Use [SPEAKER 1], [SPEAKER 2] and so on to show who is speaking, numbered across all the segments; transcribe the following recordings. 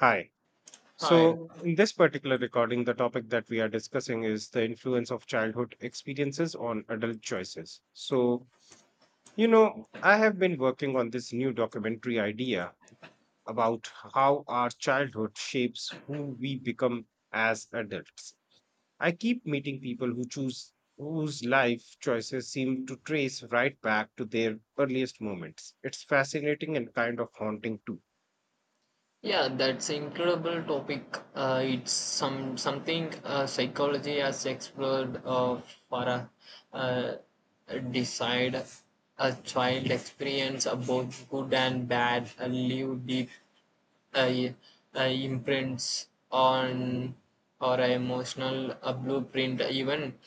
[SPEAKER 1] Hi.
[SPEAKER 2] Hi.
[SPEAKER 1] So, in this particular recording, the topic that we are discussing is the influence of childhood experiences on adult choices. So, you know, I have been working on this new documentary idea about how our childhood shapes who we become as adults. I keep meeting people who choose whose life choices seem to trace right back to their earliest moments. It's fascinating and kind of haunting too.
[SPEAKER 2] Yeah, that's incredible topic. It's something psychology has explored for a uh, decide a child experience of both good and bad leave deep uh, imprints on or emotional blueprint even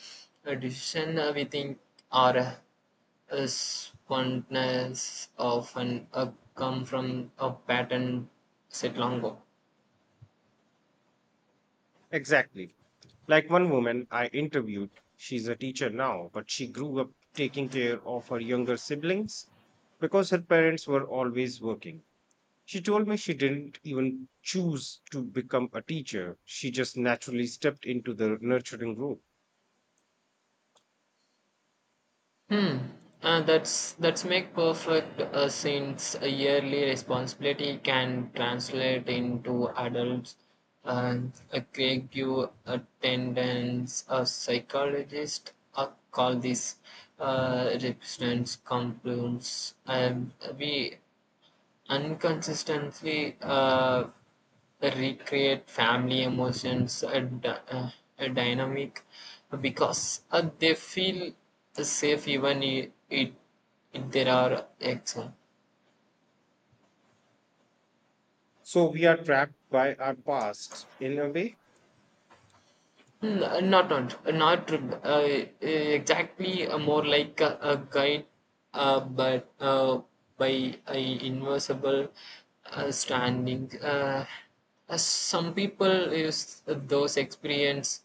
[SPEAKER 2] a decision we think or a spontaneous often up come from a pattern set long ago.
[SPEAKER 1] Exactly. Like one woman I interviewed, she's a teacher now, but she grew up taking care of her younger siblings because her parents were always working. She told me she didn't even choose to become a teacher, she just naturally stepped into the nurturing role.
[SPEAKER 2] Hmm. That's make perfect since a yearly responsibility can translate into adults and a creative attendance a psychologist call this represents compliance and we unconsistently recreate family emotions a, a dynamic because they feel safe even it, if there are exams.
[SPEAKER 1] So we are trapped by our past in a way.
[SPEAKER 2] Not not not exactly more like a guide but by a invisible standing some people use those experience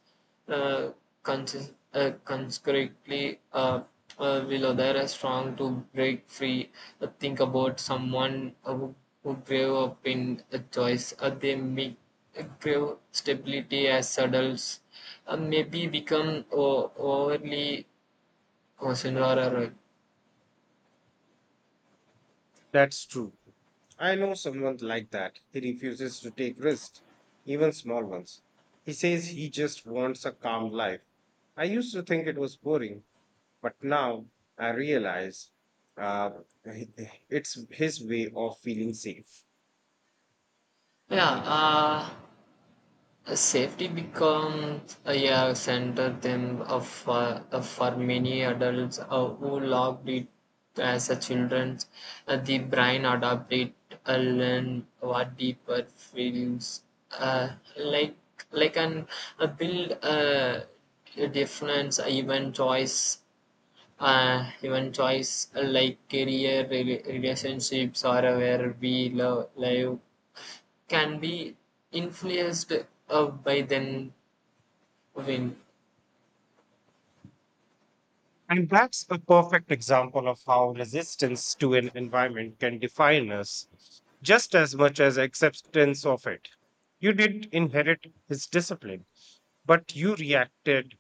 [SPEAKER 2] uh, conscious, conscriptly will other are strong to break free think about someone who grew up in a choice they make grew stability as adults maybe become overly concerned or
[SPEAKER 1] That's true. I know someone like that. He refuses to take risks, even small ones. He says he just wants a calm life. I used to think it was boring, but now I realize uh, it's his way of feeling safe.
[SPEAKER 2] yeah safety becomes yeah center them of for many adults who logged it as a children the brain adopt it learn what deeper feels uh, like like an build a difference even choice like career relationships or where we love live can be influenced by then when
[SPEAKER 1] And that's a perfect example of how resistance to an environment can define us just as much as acceptance of it. You didn't inherit his discipline, but you reacted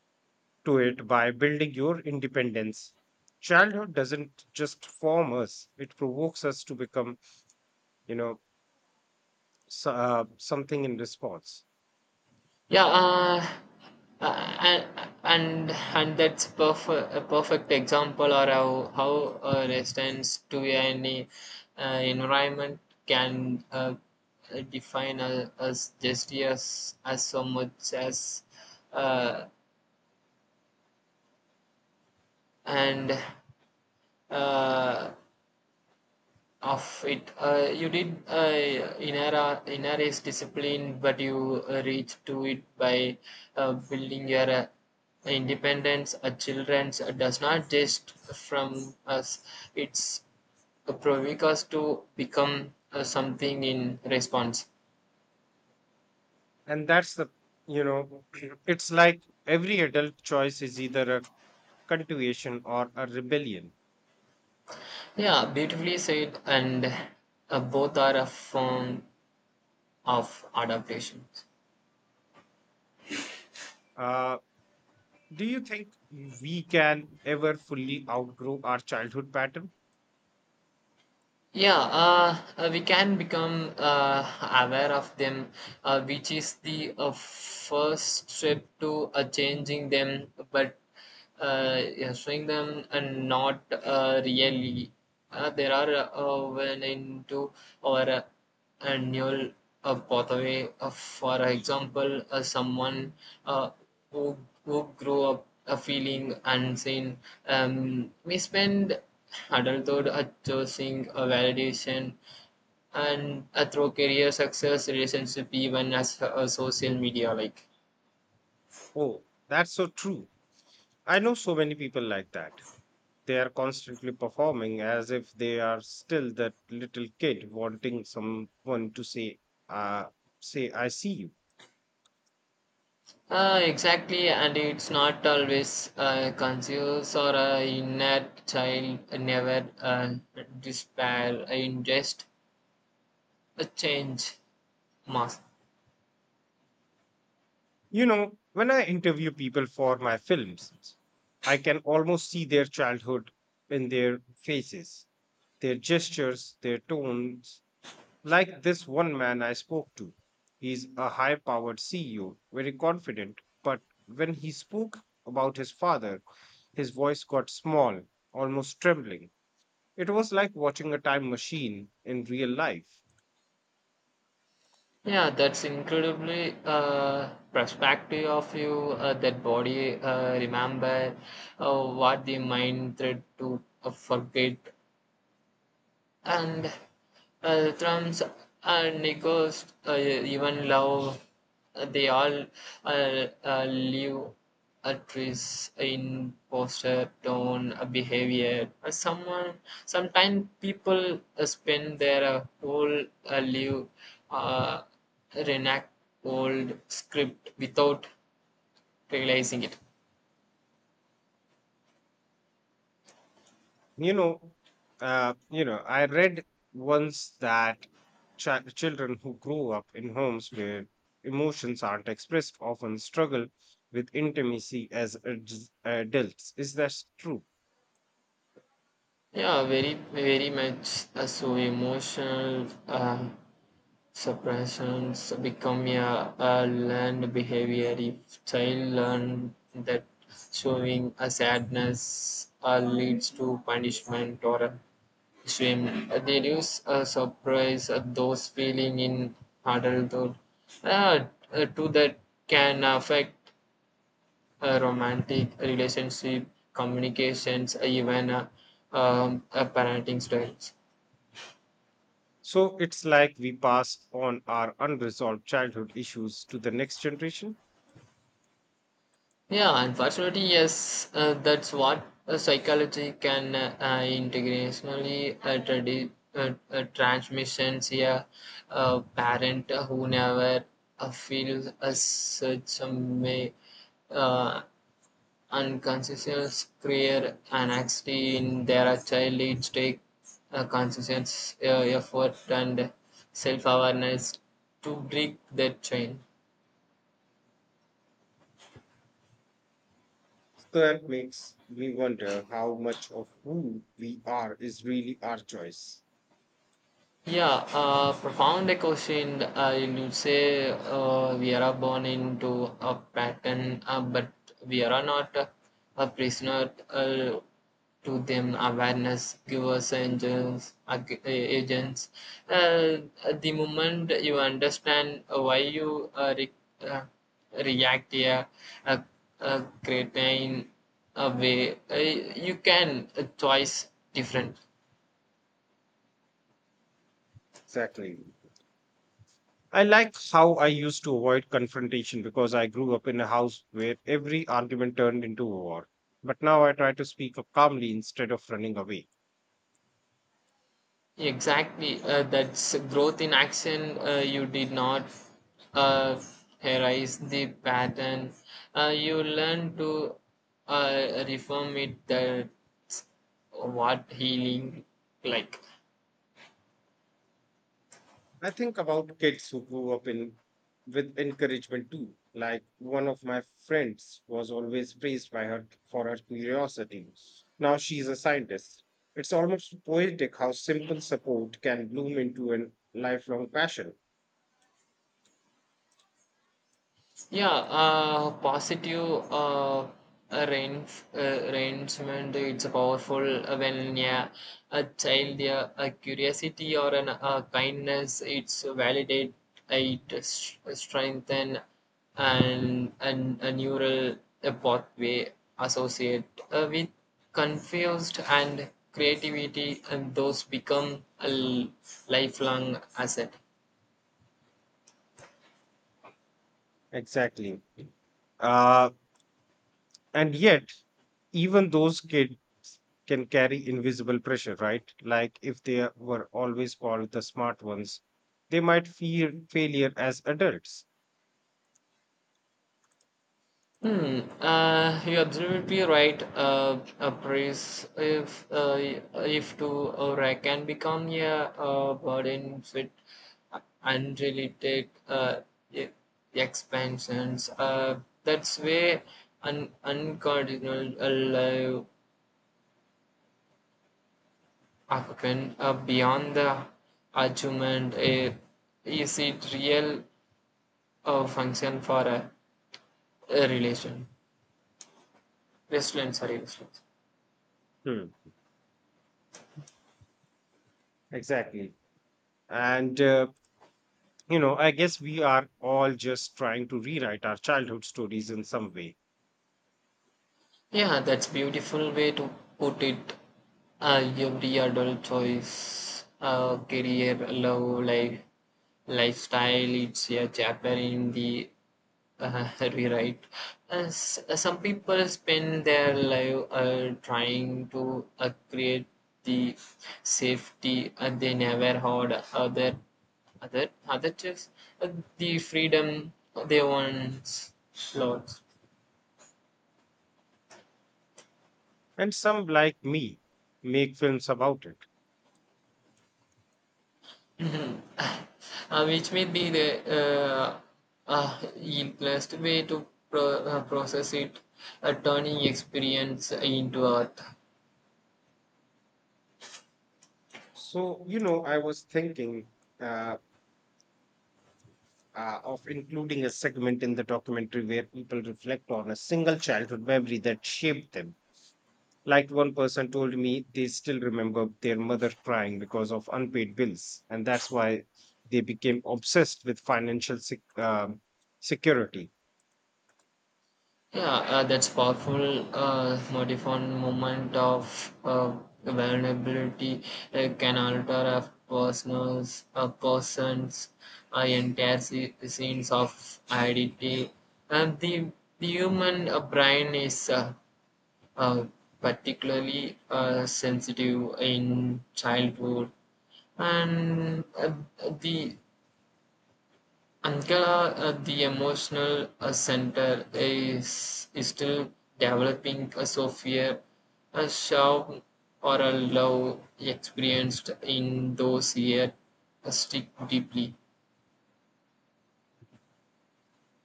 [SPEAKER 1] to it by building your independence. Childhood doesn't just form us, it provokes us to become, you know, so, something in response.
[SPEAKER 2] yeah uh, and that's perfect a perfect example or how a resistance to any environment can define us as just as so much as uh, and uh, of it, you did inherit is discipline, but you reach to it by building your independence. A children's does not just from us; it's provoke us to become something in response.
[SPEAKER 1] And that's the, you know, it's like every adult choice is either a continuation or a rebellion.
[SPEAKER 2] Yeah, beautifully said, and both are a form of adaptation.
[SPEAKER 1] uh, do you think we can ever fully outgrow our childhood pattern?
[SPEAKER 2] Yeah, we can become aware of them, which is the first step to changing them, but yeah, showing them and not really. There are when into or and annual pathway. For example, someone uh, who, who grew up feeling unseen may spend adulthood chasing a validation and through career success, relationship, even as social media like.
[SPEAKER 1] Oh, that's so true. I know so many people like that. They are constantly performing as if they are still that little kid wanting someone to say, uh, say, I see you.
[SPEAKER 2] Exactly, and it's not always conscious or inner child never despair, ingest a change. Mass.
[SPEAKER 1] You know, when I interview people for my films, I can almost see their childhood in their faces, their gestures, their tones. Like this one man I spoke to. He's a high powered CEO, very confident, but when he spoke about his father, his voice got small, almost trembling. It was like watching a time machine in real life.
[SPEAKER 2] Yeah, that's incredibly perspective of you. That body remember what the mind tried to forget and drums and echoes, even love, they all leave a trace in posture, tone, behavior. Sometimes people spend their whole life uh, reenact old script without realizing it.
[SPEAKER 1] You know, I read once that children who grow up in homes where emotions aren't expressed often struggle with intimacy as adults. Is that true?
[SPEAKER 2] Yeah, very, very much so emotional. Suppressions become a learned behavior if child learn that showing a sadness leads to punishment or a shame. They use a surprise those feeling in adulthood uh, to that can affect romantic relationship, communications, even parenting styles.
[SPEAKER 1] So it's like we pass on our unresolved childhood issues to the next generation.
[SPEAKER 2] Yeah, unfortunately, yes, that's what psychology can integrationally transmissions here. A parent who never feels as such some way uh, unconscious clear anxiety in their child leads take conscious effort and self-awareness to break that chain.
[SPEAKER 1] So that makes me wonder how much of who we are is really our choice.
[SPEAKER 2] Yeah, profound question. I would say we are born into a pattern, but we are not a prisoner to them. Awareness give us agents. Agents. Uh, the moment you understand why you uh, react here, a, a creatine a way, you can choice different.
[SPEAKER 1] Exactly. I like how I used to avoid confrontation because I grew up in a house where every argument turned into a war. But now I try to speak up calmly instead of running away.
[SPEAKER 2] Exactly. That's growth in action. You did not uh, erase the pattern. You learn to reform it. That's what healing like.
[SPEAKER 1] I think about kids who grew up in with encouragement too. Like one of my friends was always praised by her for her curiosity. Now she's a scientist. It's almost poetic how simple support can bloom into a lifelong passion.
[SPEAKER 2] Yeah, positive arrangement. It's powerful when yeah, a child, yeah, a curiosity or an kindness. It's validate, it strengthen, and a neural pathway associate with confused and creativity, and those become a lifelong asset.
[SPEAKER 1] Exactly. Uh, and yet, even those kids can carry invisible pressure, right? Like if they were always called the smart ones, they might fear failure as adults.
[SPEAKER 2] Hmm. You're absolutely right. A praise, if to or I can become yeah, a burden with unrelated e- expansions. That's way an uncardinal alive African beyond the argument. Is it real function for a relation? Restaurant, sorry, restaurant.
[SPEAKER 1] Hmm. Exactly. And, you know, I guess we are all just trying to rewrite our childhood stories in some way.
[SPEAKER 2] Yeah, that's beautiful way to put it. Every adult choice, career, love, life, lifestyle, it's a chapter in the rewrite. Some people spend their life trying to create the safety they never had. Other just uh, the freedom they once lost.
[SPEAKER 1] And some, like me, make films about it.
[SPEAKER 2] Mhm. Which may be the uh, uh, simplest way to process it, turning experience into art.
[SPEAKER 1] So, you know, I was thinking, uh, of including a segment in the documentary where people reflect on a single childhood memory that shaped them. Like one person told me they still remember their mother crying because of unpaid bills. And that's why they became obsessed with financial security.
[SPEAKER 2] Yeah, that's powerful modifying moment of uh, vulnerability can alter a person's entire sense of identity. And the human brain is uh, particularly sensitive in childhood and the Ankara, the emotional center is still developing. So fear, a shock or a love experienced in those years stick deeply.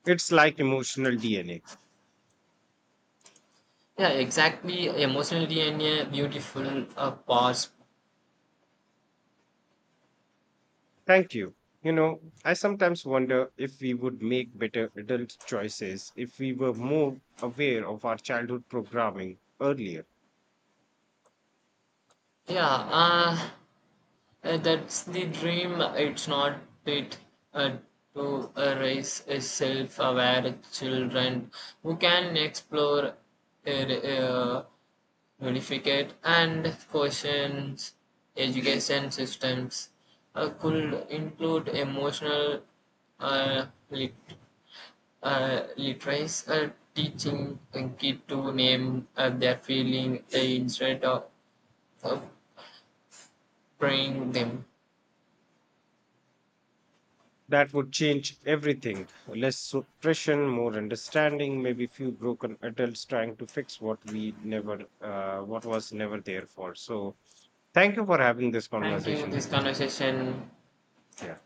[SPEAKER 1] It's like emotional DNA.
[SPEAKER 2] Yeah, exactly. Emotional DNA, beautiful parts.
[SPEAKER 1] Thank you. You know, I sometimes wonder if we would make better adult choices if we were more aware of our childhood programming earlier.
[SPEAKER 2] Yeah, that's the dream, it's not it. Uh, to raise a self aware children who can explore, uh, uh, verificate, and question education systems. Could include emotional uh, lit- literacy, teaching a kid to name their feeling instead of praying them.
[SPEAKER 1] That would change everything. Less suppression, more understanding, maybe few broken adults trying to fix what we never, what was never there for. So, thank you for having this
[SPEAKER 2] Thank you.
[SPEAKER 1] conversation
[SPEAKER 2] This
[SPEAKER 1] with us.
[SPEAKER 2] conversation.
[SPEAKER 1] Yeah.